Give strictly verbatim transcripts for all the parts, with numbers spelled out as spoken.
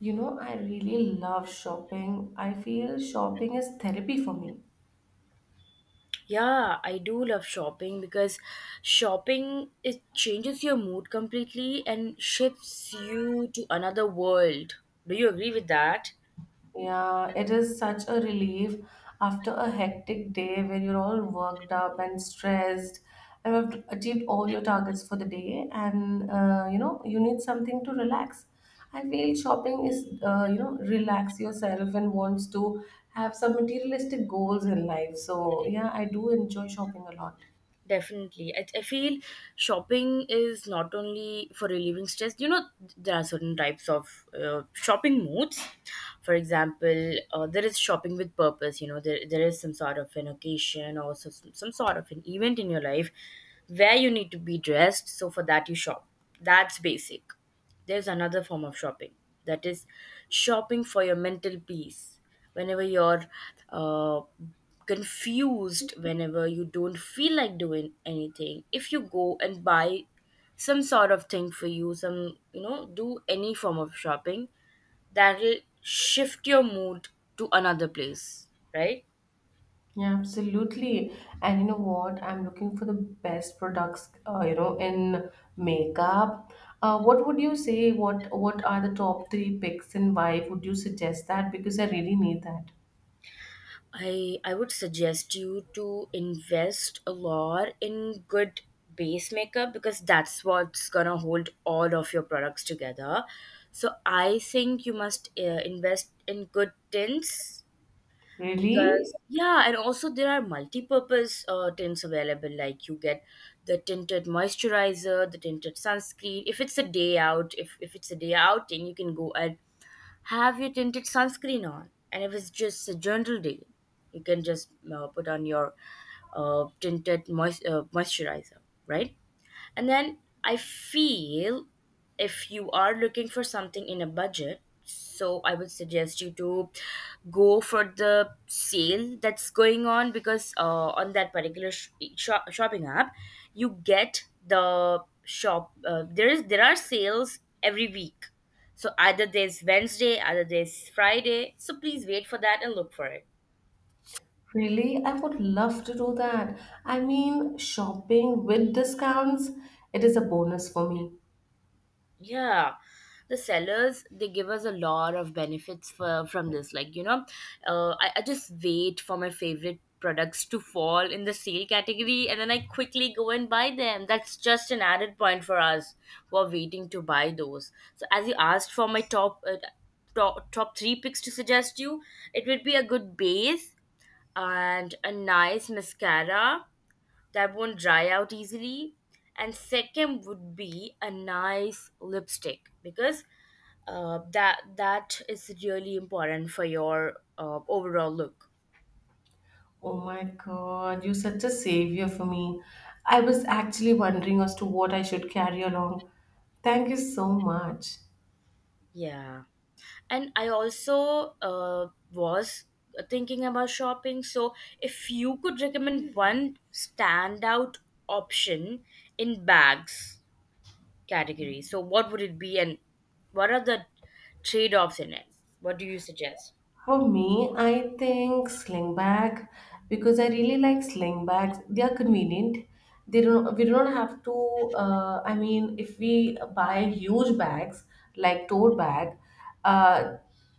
You know, I really love shopping. I feel shopping is therapy for me. Yeah, I do love shopping because shopping it changes your mood completely and shifts you to another world. Do you agree with that? Yeah, it is such a relief after a hectic day where you're all worked up and stressed and have achieved all your targets for the day, and uh, you know, you need something to relax. I feel shopping is, uh, you know, relax yourself and wants to have some materialistic goals in life. So, yeah, I do enjoy shopping a lot. Definitely. I, I feel shopping is not only for relieving stress. You know, there are certain types of uh, shopping moods. For example, uh, there is shopping with purpose. You know, there, there is some sort of an occasion or so, some some sort of an event in your life where you need to be dressed. So, for that, you shop. That's basic. There's another form of shopping that is shopping for your mental peace. Whenever you're uh, confused, whenever you don't feel like doing anything, if you go and buy some sort of thing for you, some, you know, do any form of shopping, that'll shift your mood to another place, right? Yeah, absolutely. And you know what? I'm looking for the best products, uh, you know, in makeup. Uh, what would you say? What What are the top three picks, and why would you suggest that? Because I really need that. I I would suggest you to invest a lot in good base makeup because that's what's gonna hold all of your products together. So I think you must uh, invest in good tints Really? because yeah, and also there are multi-purpose uh, tints available. Like you get the tinted moisturizer, the tinted sunscreen. If it's a day out, if if it's a day outing, you can go and have you tinted sunscreen on? And if it's just a general day, you can just uh, put on your uh, tinted moist, uh, moisturizer, right? And then I feel if you are looking for something in a budget, so I would suggest you to go for the sale that's going on because uh, on that particular sh- shop- shopping app, you get the shop. Uh, there is there are sales every week, so either there's Wednesday, either there's Friday. So please wait for that and look for it. Really? I would love to do that. I mean, shopping with discounts, it is a bonus for me. Yeah, the sellers they give us a lot of benefits for, from this. Like you know, uh, I, I just wait for my favorite products to fall in the sale category, and then I quickly go and buy them. That's just an added point for us who are waiting to buy those. So as you asked for my top uh, top top three picks to suggest you, it would be a good base and a nice mascara that won't dry out easily. And second would be a nice lipstick because uh, that that is really important for your uh, overall look. Oh my God, you're such a savior for me. I was actually wondering as to what I should carry along. Thank you so much. Yeah. And I also uh, was thinking about shopping. So, if you could recommend one standout option in bags category, so what would it be, and what are the trade offs in it? What do you suggest? For me, I think sling bag because I really like sling bags. They are convenient. They don't. We don't have to. Uh, I mean, if we buy huge bags like tote bag, uh,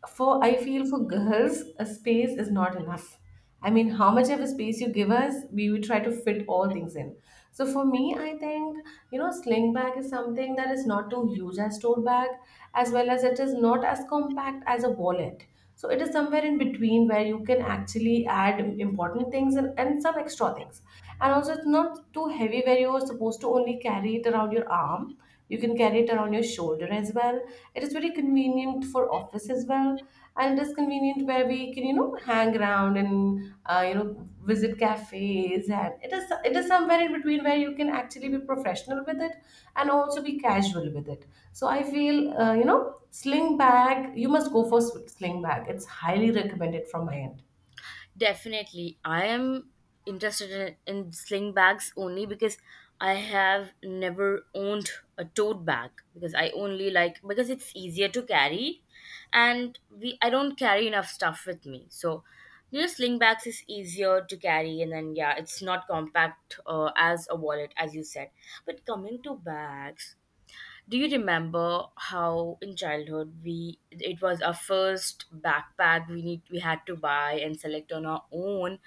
for I feel for girls, a space is not enough. I mean, how much of a space you give us, we will try to fit all things in. So for me, I think you know, sling bag is something that is not too huge as tote bag, as well as it is not as compact as a wallet, so it is somewhere in between where you can actually add important things, and, and some extra things, and also it's not too heavy where you're supposed to only carry it around your arm. You can carry it around your shoulder as well. It is very convenient for office as well, and it is convenient where we can, you know, hang around and, uh, you know visit cafes, and it is it is somewhere in between where you can actually be professional with it and also be casual with it. So I feel, uh, you know sling bag you must go for. Sling bag, it's highly recommended from my end. Definitely. I am interested in, in sling bags only because I have never owned a tote bag because I only like because it's easier to carry and we I don't carry enough stuff with me. So you know sling bags is easier to carry, and then yeah, it's not compact uh, as a wallet as you said. But coming to bags, do you remember how in childhood we it was our first backpack we need we had to buy and select on our own?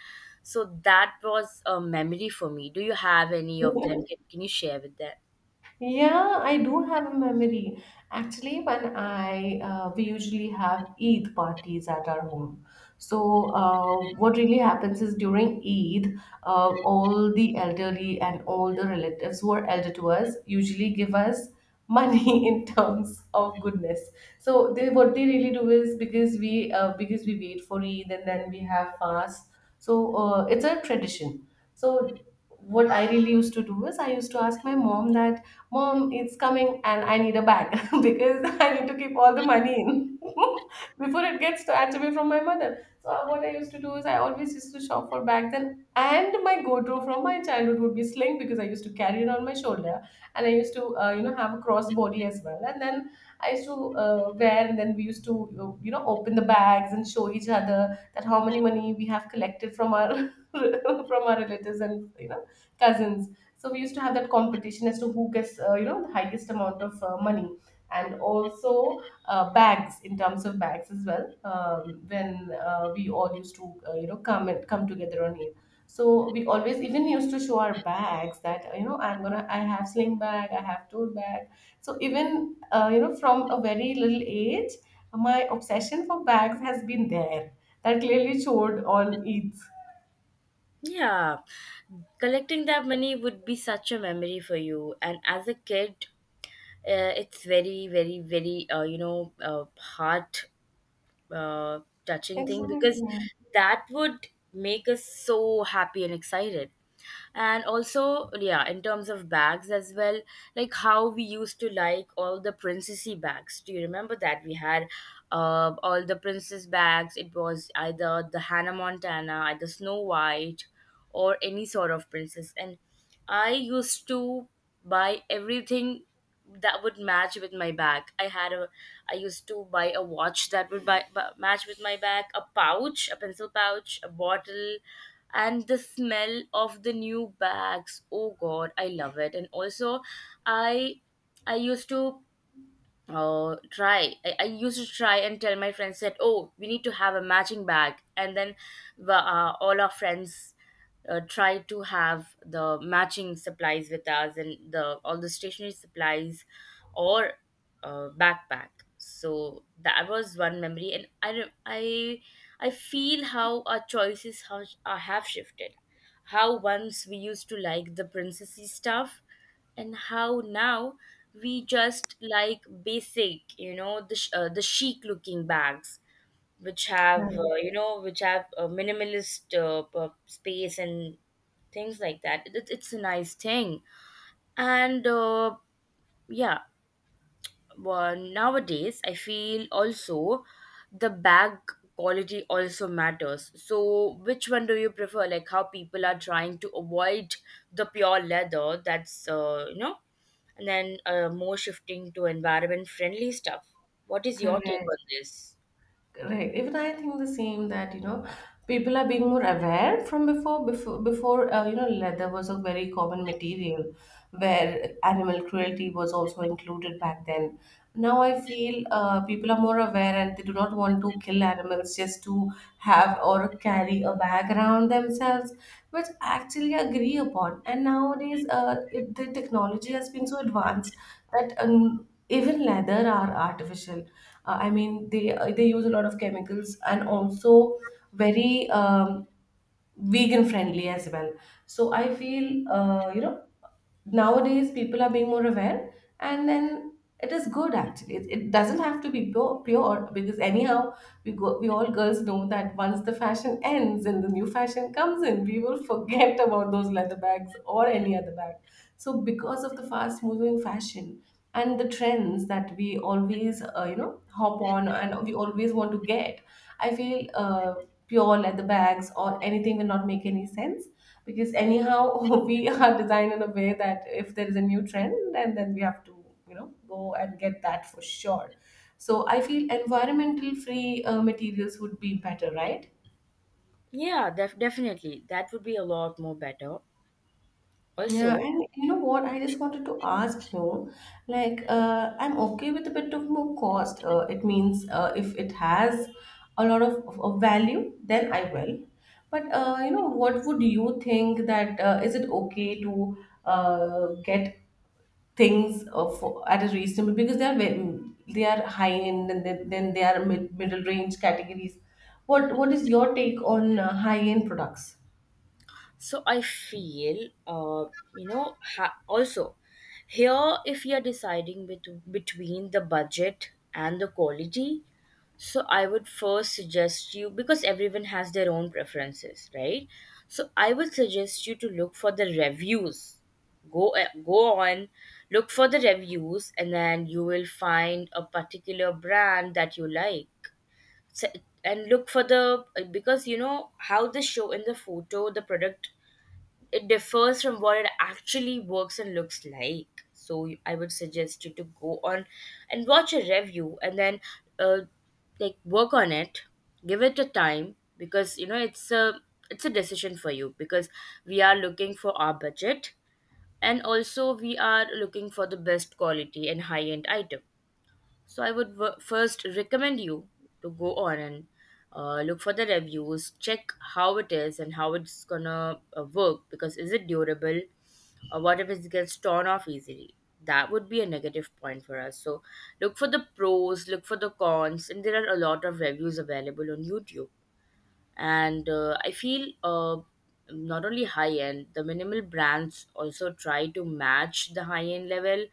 So that was a memory for me. Do you have any of them? Can, can you share with that? Yeah, I do have a memory. Actually, when I uh, we usually have Eid parties at our home. So, uh, what really happens is during Eid, uh, all the elderly and all the relatives who are elder to us usually give us money in terms of goodness. So, they what they really do is because we uh, because we wait for Eid and then we have fast. So, uh, it's a tradition. So, what I really used to do is I used to ask my mom that, Mom, it's coming and I need a bag, because I need to keep all the money in before it gets snatched away from my mother. So uh, what I used to do is I always used to shop for bags, and and my go-to from my childhood would be sling because I used to carry it on my shoulder, and I used to, uh, you know have a crossbody as well, and then I used to, uh, wear, and then we used to, uh, you know open the bags and show each other that how many money we have collected from our from our relatives, and, you know, cousins. So we used to have that competition as to who gets, uh, you know, the highest amount of uh, money, and also, uh, bags, in terms of bags as well. Um, when uh, we all used to, uh, you know, come and come together on Eid. So we always even used to show our bags that, uh, you know I'm gonna I have sling bag, I have tote bag. So even, uh, you know from a very little age, my obsession for bags has been there. That clearly showed on Eid. Yeah, collecting that money would be such a memory for you. And as a kid, uh, it's very, very, very, uh, you know, uh, hard uh, touching thing because Exactly. that would make us so happy and excited. And also yeah, in terms of bags as well, like how we used to like all the princessy bags. Do you remember that we had uh, all the princess bags? It was either the Hannah Montana, either Snow White, or any sort of princess. And I used to buy everything that would match with my bag. i had a I used to buy a watch that would buy, bu- match with my bag. A pouch, a pencil pouch, a bottle, and the smell of the new bags, oh god, I love it. And also I I used to Oh, try. I, I used to try and tell my friends that, oh, we need to have a matching bag. And then the, uh, all our friends uh, try to have the matching supplies with us, and the all the stationery supplies or uh, backpack. So that was one memory. And I, re- I, I feel how our choices have, uh, have shifted, how once we used to like the princessy stuff and how now we just like basic, you know, the sh- uh, the chic looking bags which have uh, Correct. you know, which have a minimalist uh, p- space and things like that. It, it's a nice thing. And uh, yeah, well, nowadays I feel also the bag quality also matters. So which one do you prefer, like how people are trying to avoid the pure leather, that's uh, you know, and then uh, more shifting to environment friendly stuff? What is your take Correct. on this? Right. Even I think the same that, you know, people are being more aware from before. Before before uh, you know leather was a very common material where animal cruelty was also included back then. Now I feel uh, people are more aware and they do not want to kill animals just to have or carry a bag around themselves, which actually I agree upon. And nowadays, uh, it, the technology has been so advanced that, um, even leather are artificial. uh, I mean, they uh, they use a lot of chemicals, and also very, um, vegan friendly as well. So I feel, uh, you know nowadays people are being more aware, and then it is good. Actually it, it doesn't have to be pure, pure, because anyhow we go, we all girls know that once the fashion ends and the new fashion comes in, we will forget about those leather bags or any other bag. So because of the fast moving fashion and the trends that we always, uh, you know hop on and we always want to get, I feel, uh, pure leather bags or anything will not make any sense, because anyhow we are designed in a way that if there is a new trend, and then we have to, you know, go and get that for sure. So I feel environmental free, uh, materials would be better, right? Yeah, def- definitely that would be a lot more better Yeah, also. and you know what? I just wanted to ask you, like, uh, I'm okay with a bit of more cost. Uh, it means, uh, if it has a lot of, of, of value, then I will. But, uh, you know, what would you think that, uh, is it okay to, uh, get things, uh, for, at a reasonable, because they are ve- they are high end, and then, then they are mid, middle range categories. What what is your take on uh, high end products? So I feel, uh, you know, ha- also here if you're deciding bet- between the budget and the quality, so I would first suggest you, because everyone has their own preferences, right? So I would suggest you to look for the reviews. Go uh, go on, look for the reviews, and then you will find a particular brand that you like, se- and look for the uh, because you know how the show in the photo the product, it differs from what it actually works and looks like. So you- I would suggest you to go on and watch a review and then uh, like work on it, give it a time, because you know it's a it's a decision for you, because we are looking for our budget and also we are looking for the best quality and high end item. So I would w- first recommend you to go on and uh, look for the reviews, check how it is and how it's gonna uh, work, because is it durable, or what if it gets torn off easily? That would be a negative point for us. So look for the pros, look for the cons, and there are a lot of reviews available on YouTube. And uh, I feel uh, not only high end, the minimal brands also try to match the high end level.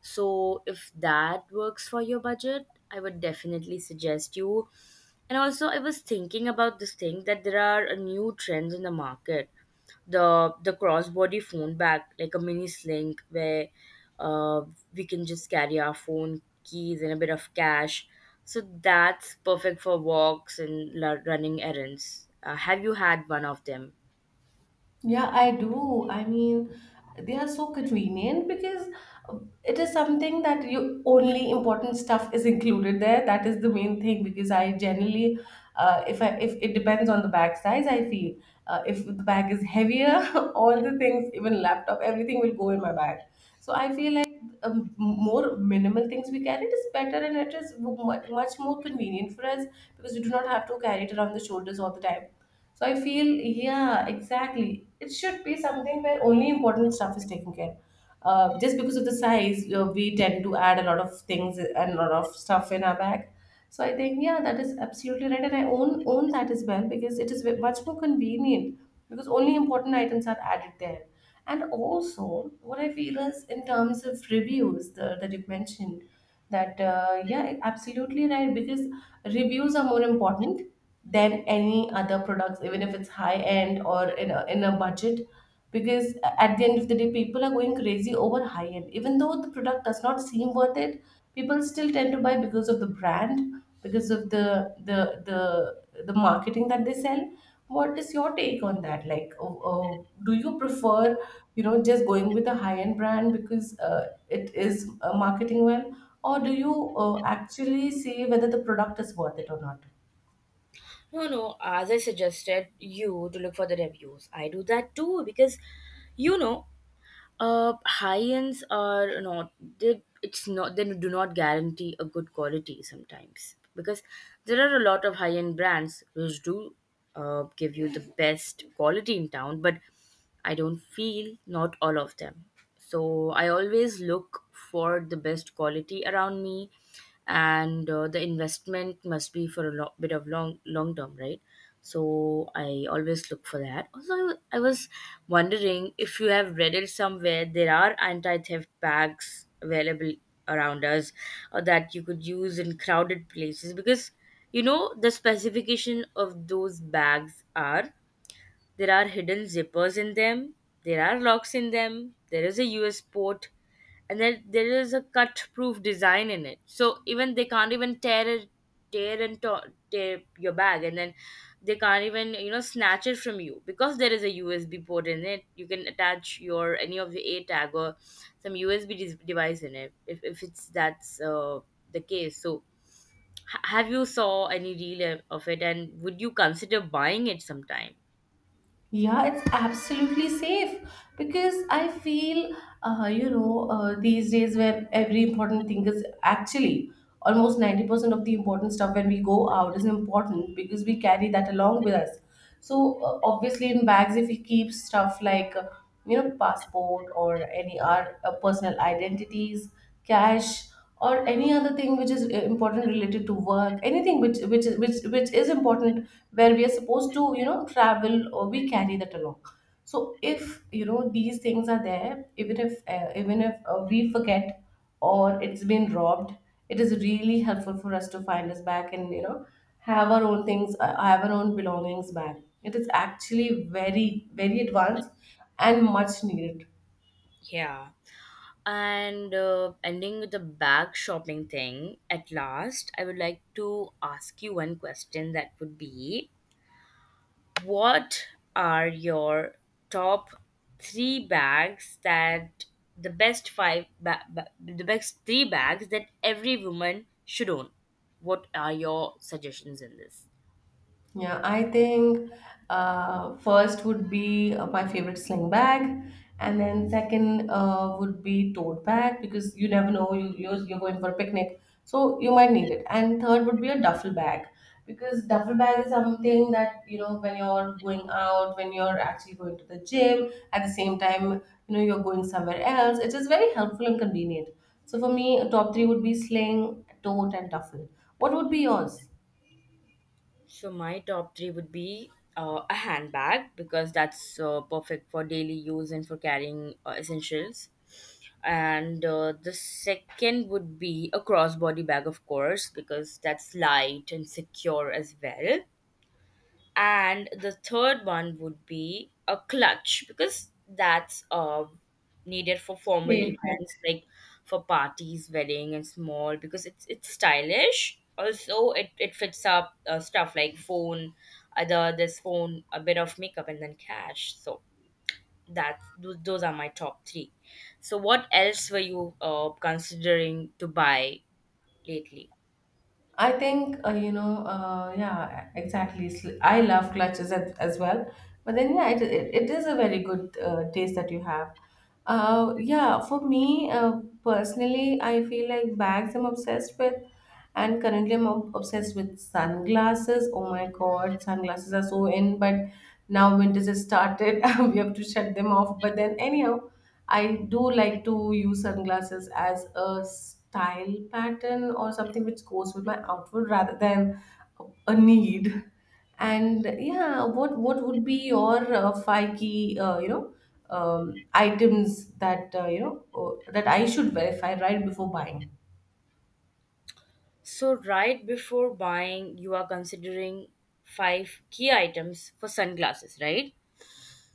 So if that works for your budget, I would definitely suggest you. And also I was thinking about this thing, that there are uh, new trends in the market, the the crossbody phone bag, like a mini sling where uh, we can just carry our phone, keys, and a bit of cash. So that's perfect for walks and la- running errands. Uh, have you had one of them? Yeah, I do. I mean, they are so convenient because, uh, it is something that you only important stuff is included there. That is the main thing because I generally, uh, if I if it depends on the bag size, I feel, uh, if the bag is heavier, all the things, even laptop, everything will go in my bag. So I feel like, um, more minimal things we carry, it is better, and it is mu- much more convenient for us, because we do not have to carry it around the shoulders all the time. So I feel, yeah, exactly. It should be something where only important stuff is taken care. Uh, just because of the size, uh, we tend to add a lot of things and a lot of stuff in our bag. So I think, yeah, that is absolutely right, and I own own that as well, because it is ve- much more convenient, because only important items are added there. And also, what I feel is in terms of reviews the, that you've mentioned, that, uh, yeah, absolutely right, because reviews are more important than any other products, even if it's high end or in a, in a budget. Because at the end of the day, people are going crazy over high end. Even though the product does not seem worth it, people still tend to buy because of the brand, because of the the the the marketing that they sell. What is your take on that? Like, uh, uh, do you prefer, you know, just going with a high end brand because, uh, it is, uh, marketing well, or do you, uh, actually see whether the product is worth it or not? No, no, as I suggested you to look for the reviews. I do that too because you know, uh high ends are not they it's not they do not guarantee a good quality sometimes, because there are a lot of high end brands which do uh, give you the best quality in town, but I don't feel, not all of them. So I always look for the best quality around me, and uh, the investment must be for a lo- bit of long long term, right? So I always look for that. Also, I was wondering if you have read it somewhere. There are anti theft bags available around us or that you could use in crowded places, because you know the specification of those bags are, there are hidden zippers in them, there are locks in them, there is a U S port, and then there is a cut proof design in it. So even they can't even tear it tear and to- tear your bag, and then they can't even, you know, snatch it from you, because there is a usb port in it, you can attach your any of your a tag or some usb de- device in it, if, if it's that's uh, the case. So ha- have you saw any reel of it, and would you consider buying it sometime? Yeah, it's absolutely safe because I feel, uh, you know, uh, these days where every important thing is actually almost ninety percent of the important stuff when we go out is important, because we carry that along with us. So, uh, obviously, in bags, if we keep stuff like, uh, you know passport or any our, uh, personal identities, cash, or any other thing which is, uh, important, related to work, anything which which is which which is important, where we are supposed to, you know, travel, or we carry that along. So if, you know, these things are there, even if, uh, even if uh, we forget or it's been robbed, it is really helpful for us to find us back, and, you know, have our own things, uh, have our own belongings back. It is actually very, very advanced and much needed. Yeah. And uh, ending with the bag shopping thing, at last, I would like to ask you one question that would be, what are your top three bags, that the best five, ba- ba- the best three bags that every woman should own? What are your suggestions in this? Yeah, I think, uh, first would be, uh, my favorite sling bag, and then second, uh, would be tote bag, because you never know you you're, you're going for a picnic, so you might need it. And third would be a duffel bag, because duffel bag is something that, you know, when you're going out, when you're actually going to the gym, at the same time, you know, you're going somewhere else. It is very helpful and convenient. So for me, top three would be sling, tote, and duffel. What would be yours? So my top three would be uh, a handbag because that's uh, perfect for daily use and for carrying uh, essentials. And uh, the second would be a crossbody bag, of course, because that's light and secure as well. And the third one would be a clutch because that's uh, needed for formal Safe. events like for parties, wedding, and small because it's it's stylish. Also it, it fits up uh, stuff like phone, other this phone, a bit of makeup, and then cash. So that tho- those are my top three. So what else were you uh, considering to buy lately? I think uh, you know, uh, yeah, exactly. Sl- I love clutches as, as well, but then yeah, it, it, it is a very good uh, taste that you have. Uh, yeah, for me uh, personally, I feel like bags. I'm obsessed with. And currently, I'm ob- obsessed with sunglasses. Oh my god, sunglasses are so in, but now winter just started. We have to shut them off. But then, anyhow, I do like to use sunglasses as a style pattern or something which goes with my outfit rather than a need. And yeah, what what would be your uh, five key, uh, you know, um, items that uh, you know uh, that I should verify right before buying? So right before buying, you are considering five key items for sunglasses, right?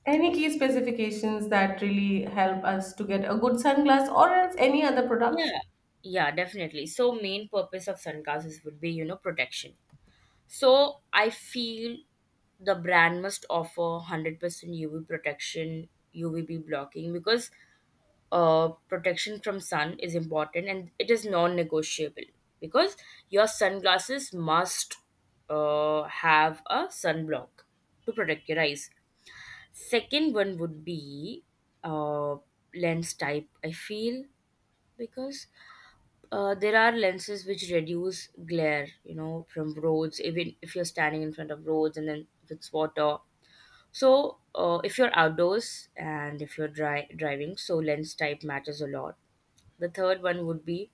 Any key specifications that really help us to get a good sunglass or else any other products? Yeah. Yeah, definitely. So main purpose of sunglasses would be, you know, protection. So I feel the brand must offer one hundred percent U V protection, U V B blocking because uh, protection from sun is important and it is non negotiable, because your sunglasses must uh, have a sunblock to protect your eyes. Second one would be uh, lens type, I feel, because uh, there are lenses which reduce glare, you know, from roads, even if you're standing in front of roads and then if it's water. So uh, if you're outdoors and if you're dri- driving, so lens type matters a lot. The third one would be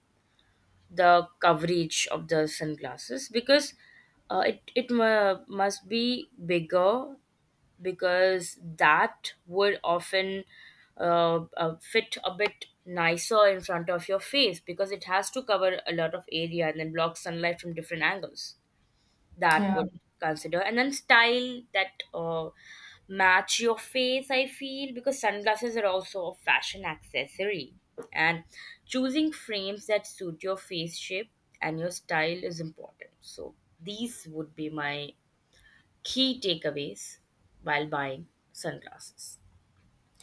the coverage of the sunglasses because uh, it, it mu must be bigger, because that would often uh, uh, fit a bit nicer in front of your face because it has to cover a lot of area and then block sunlight from different angles. That Yeah. would consider, and then style that uh, match your face, I feel, because sunglasses are also a fashion accessory, and choosing frames that suit your face shape and your style is important. So these would be my key takeaways while buying sunglasses.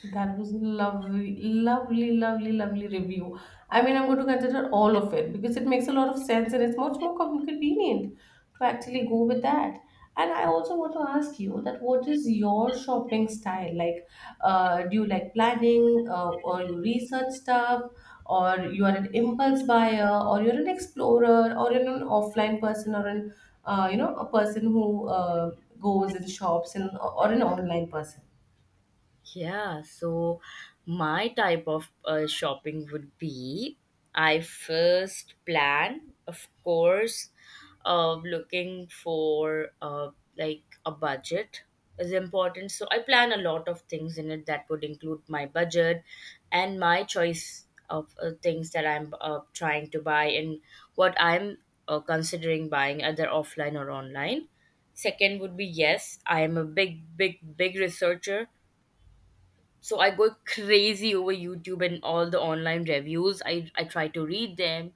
That was lovely, lovely, lovely, lovely review. I mean, I'm going to consider all of it because it makes a lot of sense and it's much more com- convenient to actually go with that. And I also want to ask you that what is your shopping style? Like, uh, do you like planning, uh, or you research stuff, or you are an impulse buyer, or you're an explorer, or you're an offline person, or an uh, you know a person who uh, goes and shops, and or an online person. Yeah, so my type of uh, shopping would be I first plan, of course, uh, looking for uh, like a budget is important. So I plan a lot of things in it that would include my budget and my choice of uh, things that I'm uh, trying to buy, and what I'm uh, considering buying, either offline or online. Second would be, yes, I am a big, big, big researcher, so I go crazy over YouTube and all the online reviews. i, I try to read them,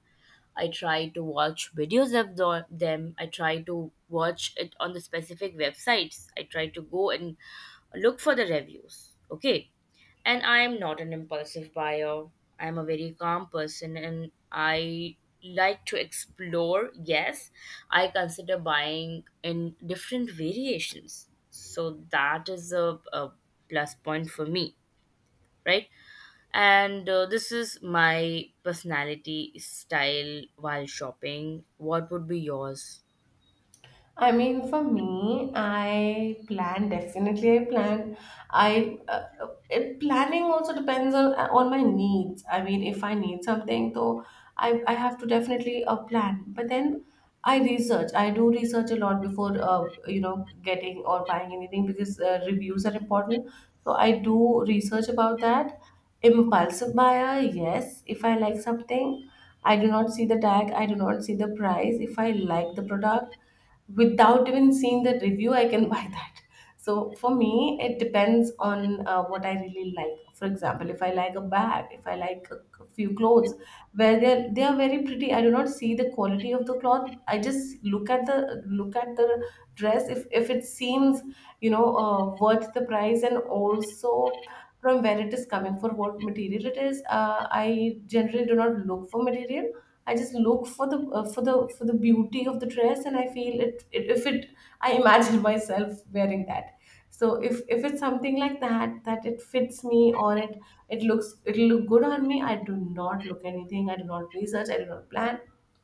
I try to watch videos of the, them, I try to watch it on the specific websites, I try to go and look for the reviews. Okay, and I am not an impulsive buyer. I am a very calm person, and I like to explore. Yes, I consider buying in different variations, so that is a, a plus point for me, right? And uh, this is my personality style while shopping. What would be yours? I mean, for me, I plan definitely. I plan. I uh, it, Planning also depends on on my needs. I mean, if I need something, so I I have to definitely uh, plan. But then I research. I do research a lot before uh, you know getting or buying anything because uh, reviews are important. So I do research about that. Impulsive buyer, yes. If I like something, I do not see the tag. I do not see the price. If I like the product, without even seeing the review, I can buy that. So for me, it depends on uh, what I really like. For example, if I like a bag, if I like a c- few clothes where they are they are very pretty, I do not see the quality of the cloth. I just look at the look at the dress. If if it seems you know uh, worth the price and also from where it is coming for what material it is, uh, I generally do not look for material. I just look for the uh, for the for the beauty of the dress, and I feel it, it if it I imagine myself wearing that. So if if it's something like that that it fits me or it it looks, it'll look good on me. I do not look anything. I do not research. I do not plan.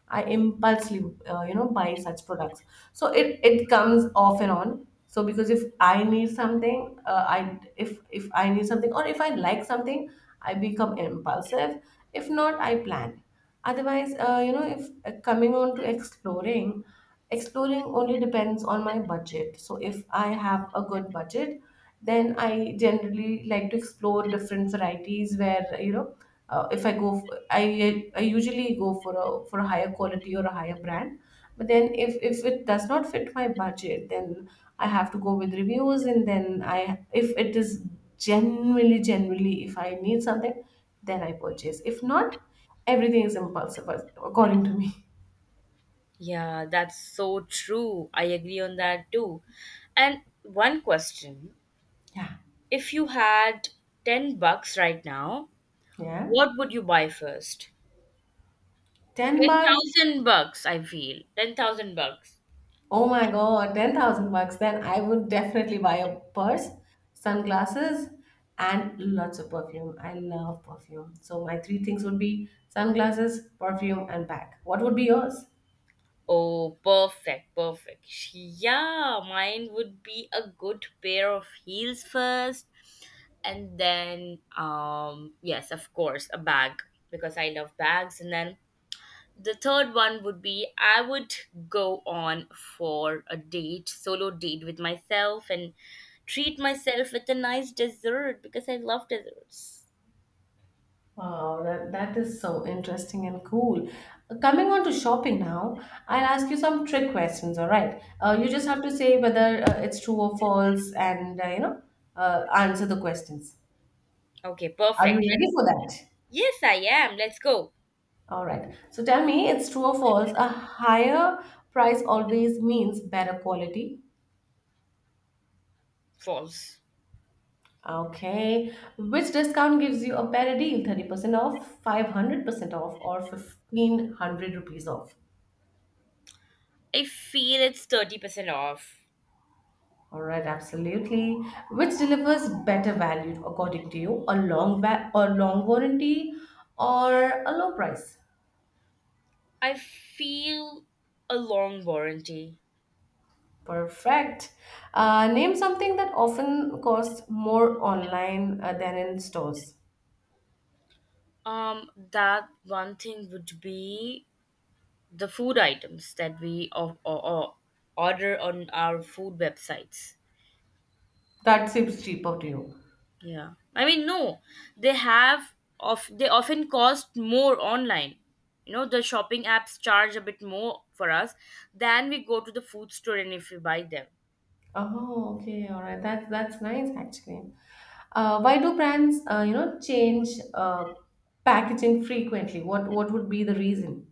I impulsively uh, you know buy such products. So it it comes off and on. So because if I need something, uh, I if if I need something or if I like something, I become impulsive. If not, I plan. Otherwise, uh, you know if uh, coming on to exploring. Exploring only depends on my budget. So if I have a good budget, then I generally like to explore different varieties where, you know, uh, if I go, f I I I usually go for a for a higher quality or a higher brand. But then if if it does not fit my budget, then I have to go with reviews, and then I, if it is genuinely genuinely if I need something, then I purchase. If not, everything is impulsive according to me. Yeah, that's so true. I agree on that too. And one question, Yeah, if you had ten bucks right now, yeah. what would you buy first? Ten bucks. ten thousand bucks, I feel, ten thousand bucks. Oh my god, ten thousand bucks. Then I would definitely buy a purse, sunglasses, and lots of perfume. I love perfume. So my three things would be sunglasses, perfume, and bag. What would be yours? Oh, perfect, perfect. Yeah, mine would be a good pair of heels first, and then um, yes, of course, a bag because I love bags. And then the third one would be I would go on for a date, solo date with myself, and treat myself with a nice dessert because I love desserts. Wow, that, that is so interesting and cool. Coming on to shopping now, I'll ask you some trick questions, all right? Uh, Mm, You just have to say whether uh, it's true or false and, uh, you know, uh, answer the questions. okay, Are you perfect. Yes, ready for that? yes, I am, let's go. All right. So tell me, it's true or false? A higher price always means better quality. False. Okay. Which discount gives you a better deal? thirty percent off, five hundred percent off, or fifteen hundred rupees off? I feel it's thirty percent off. All right, absolutely. Which delivers better value according to you? A long va- a long warranty or a low price? I feel a long warranty. Perfect. Uh, name something that often costs more online uh, than in stores. Um, that one thing would be the food items that we or, or, or order on our food websites. That seems cheaper to you. Yeah, I mean, no, they have of they often cost more online. You know, the shopping apps charge a bit more for us than we go to the food store and if we buy them. Oh, okay, all right. That's that's nice actually. Uh, why do brands, uh, you know, change uh, packaging frequently? What what would be the reason?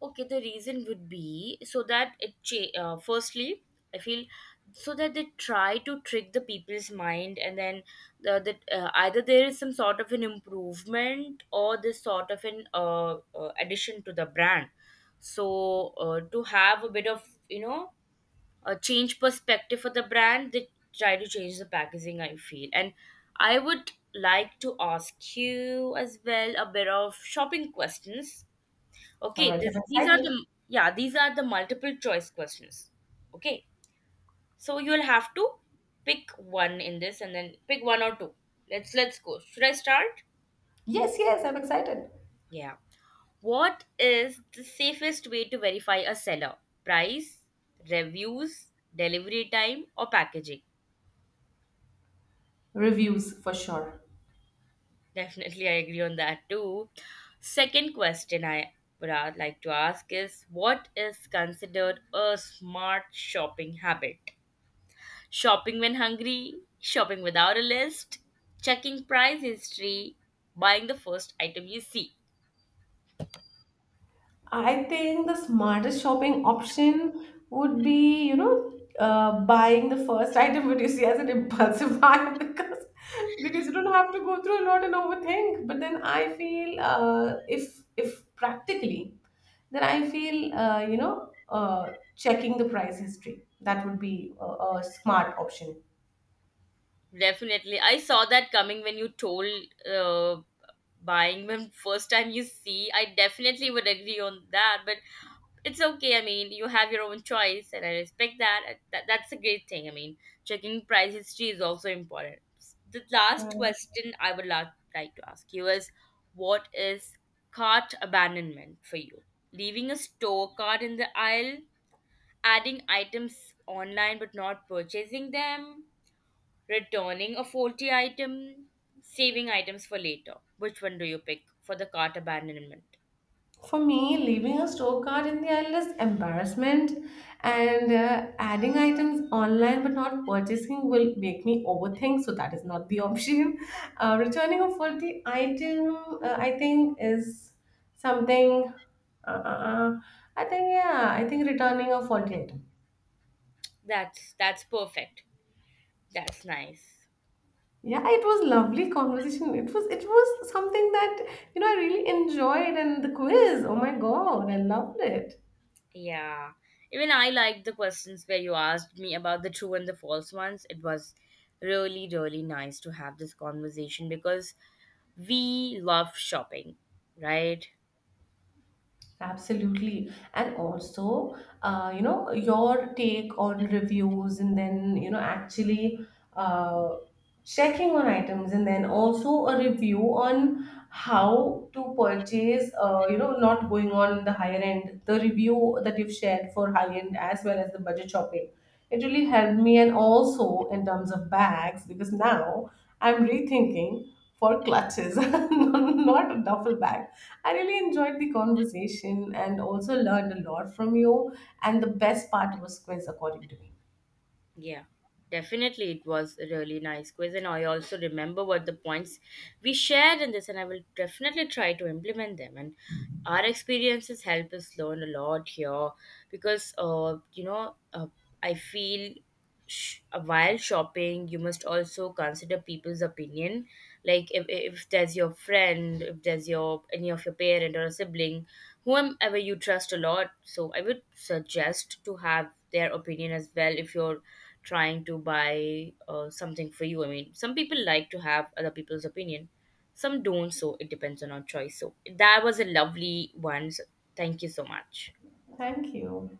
Okay, the reason would be so that it cha- uh, firstly, I feel, so that they try to trick the people's mind, and then the, that uh, either there is some sort of an improvement or this sort of an uh, uh, addition to the brand. So uh, to have a bit of, you know, a change perspective for the brand, they try to change the packaging, I feel. And I would like to ask you as well a bit of shopping questions. All Okay, right, I'm this, these are excited. the, yeah, these are the multiple choice questions. Okay. So you'll have to pick one in this, and then pick one or two. Let's let's go. Should I start? Yes, yes, I'm excited. Yeah. What is the safest way to verify a seller? Price, reviews, delivery time, or packaging? Reviews for sure. Definitely, I agree on that too. Second question I would a- like to ask is, what is considered a smart shopping habit? Shopping when hungry, shopping without a list, checking price history, buying the first item you see. I think the smartest shopping option would be, you know, uh, buying the first item what you see as an impulsive buy because because you don't have to go through a lot and overthink. But then I feel uh, if if practically, then I feel uh, you know uh, checking the price history, that would be a, a smart option. Definitely. I saw that coming when you told uh, buying when first time you see. I definitely would agree on that. But it's okay. I mean, you have your own choice, and I respect that. Uh, that that's a great thing. I mean, checking price history is also important. The last question I would la- like to ask you is, what is cart abandonment for you? Leaving a store cart in the aisle, adding items online but not purchasing them, returning a faulty item, saving items for later. Which one do you pick for the cart abandonment? For me, leaving a store card in the aisle is embarrassment, and uh, adding items online but not purchasing will make me overthink. So that is not the option. Uh, returning a faulty item, uh, I think, is something. Uh, uh, uh, I think yeah, I think returning a faulty item. That's that's perfect. That's nice. Yeah, it was lovely conversation. It was it was something that you know I really enjoyed, and the quiz. Oh my god, I loved it. Yeah. Even I liked the questions where you asked me about the true and the false ones. It was really, really nice to have this conversation because we love shopping, right? Absolutely. And also, uh, you know, your take on reviews and then, you know, actually uh, checking on items and then also a review on how to purchase, uh, you know, not going on the higher end, the review that you've shared for high end as well as the budget shopping. It really helped me. And also in terms of bags, because now I'm rethinking for clutches, not duffel bags. I really enjoyed the conversation and also learned a lot from you. And the best part was quiz, according to me. Yeah. Definitely, it was a really nice quiz, and I also remember what the points we shared in this, and I will definitely try to implement them. And our experiences help us learn a lot here because, uh, you know, uh, I feel sh- while shopping you must also consider people's opinion, like if, if there's your friend, if there's your any of your parent or a sibling, whomever you trust a lot. So I would suggest to have their opinion as well if you're trying to buy uh, something for you. I mean, some people like to have other people's opinion, some don't, so it depends on our choice. So that was a lovely one, so thank you so much. Thank you.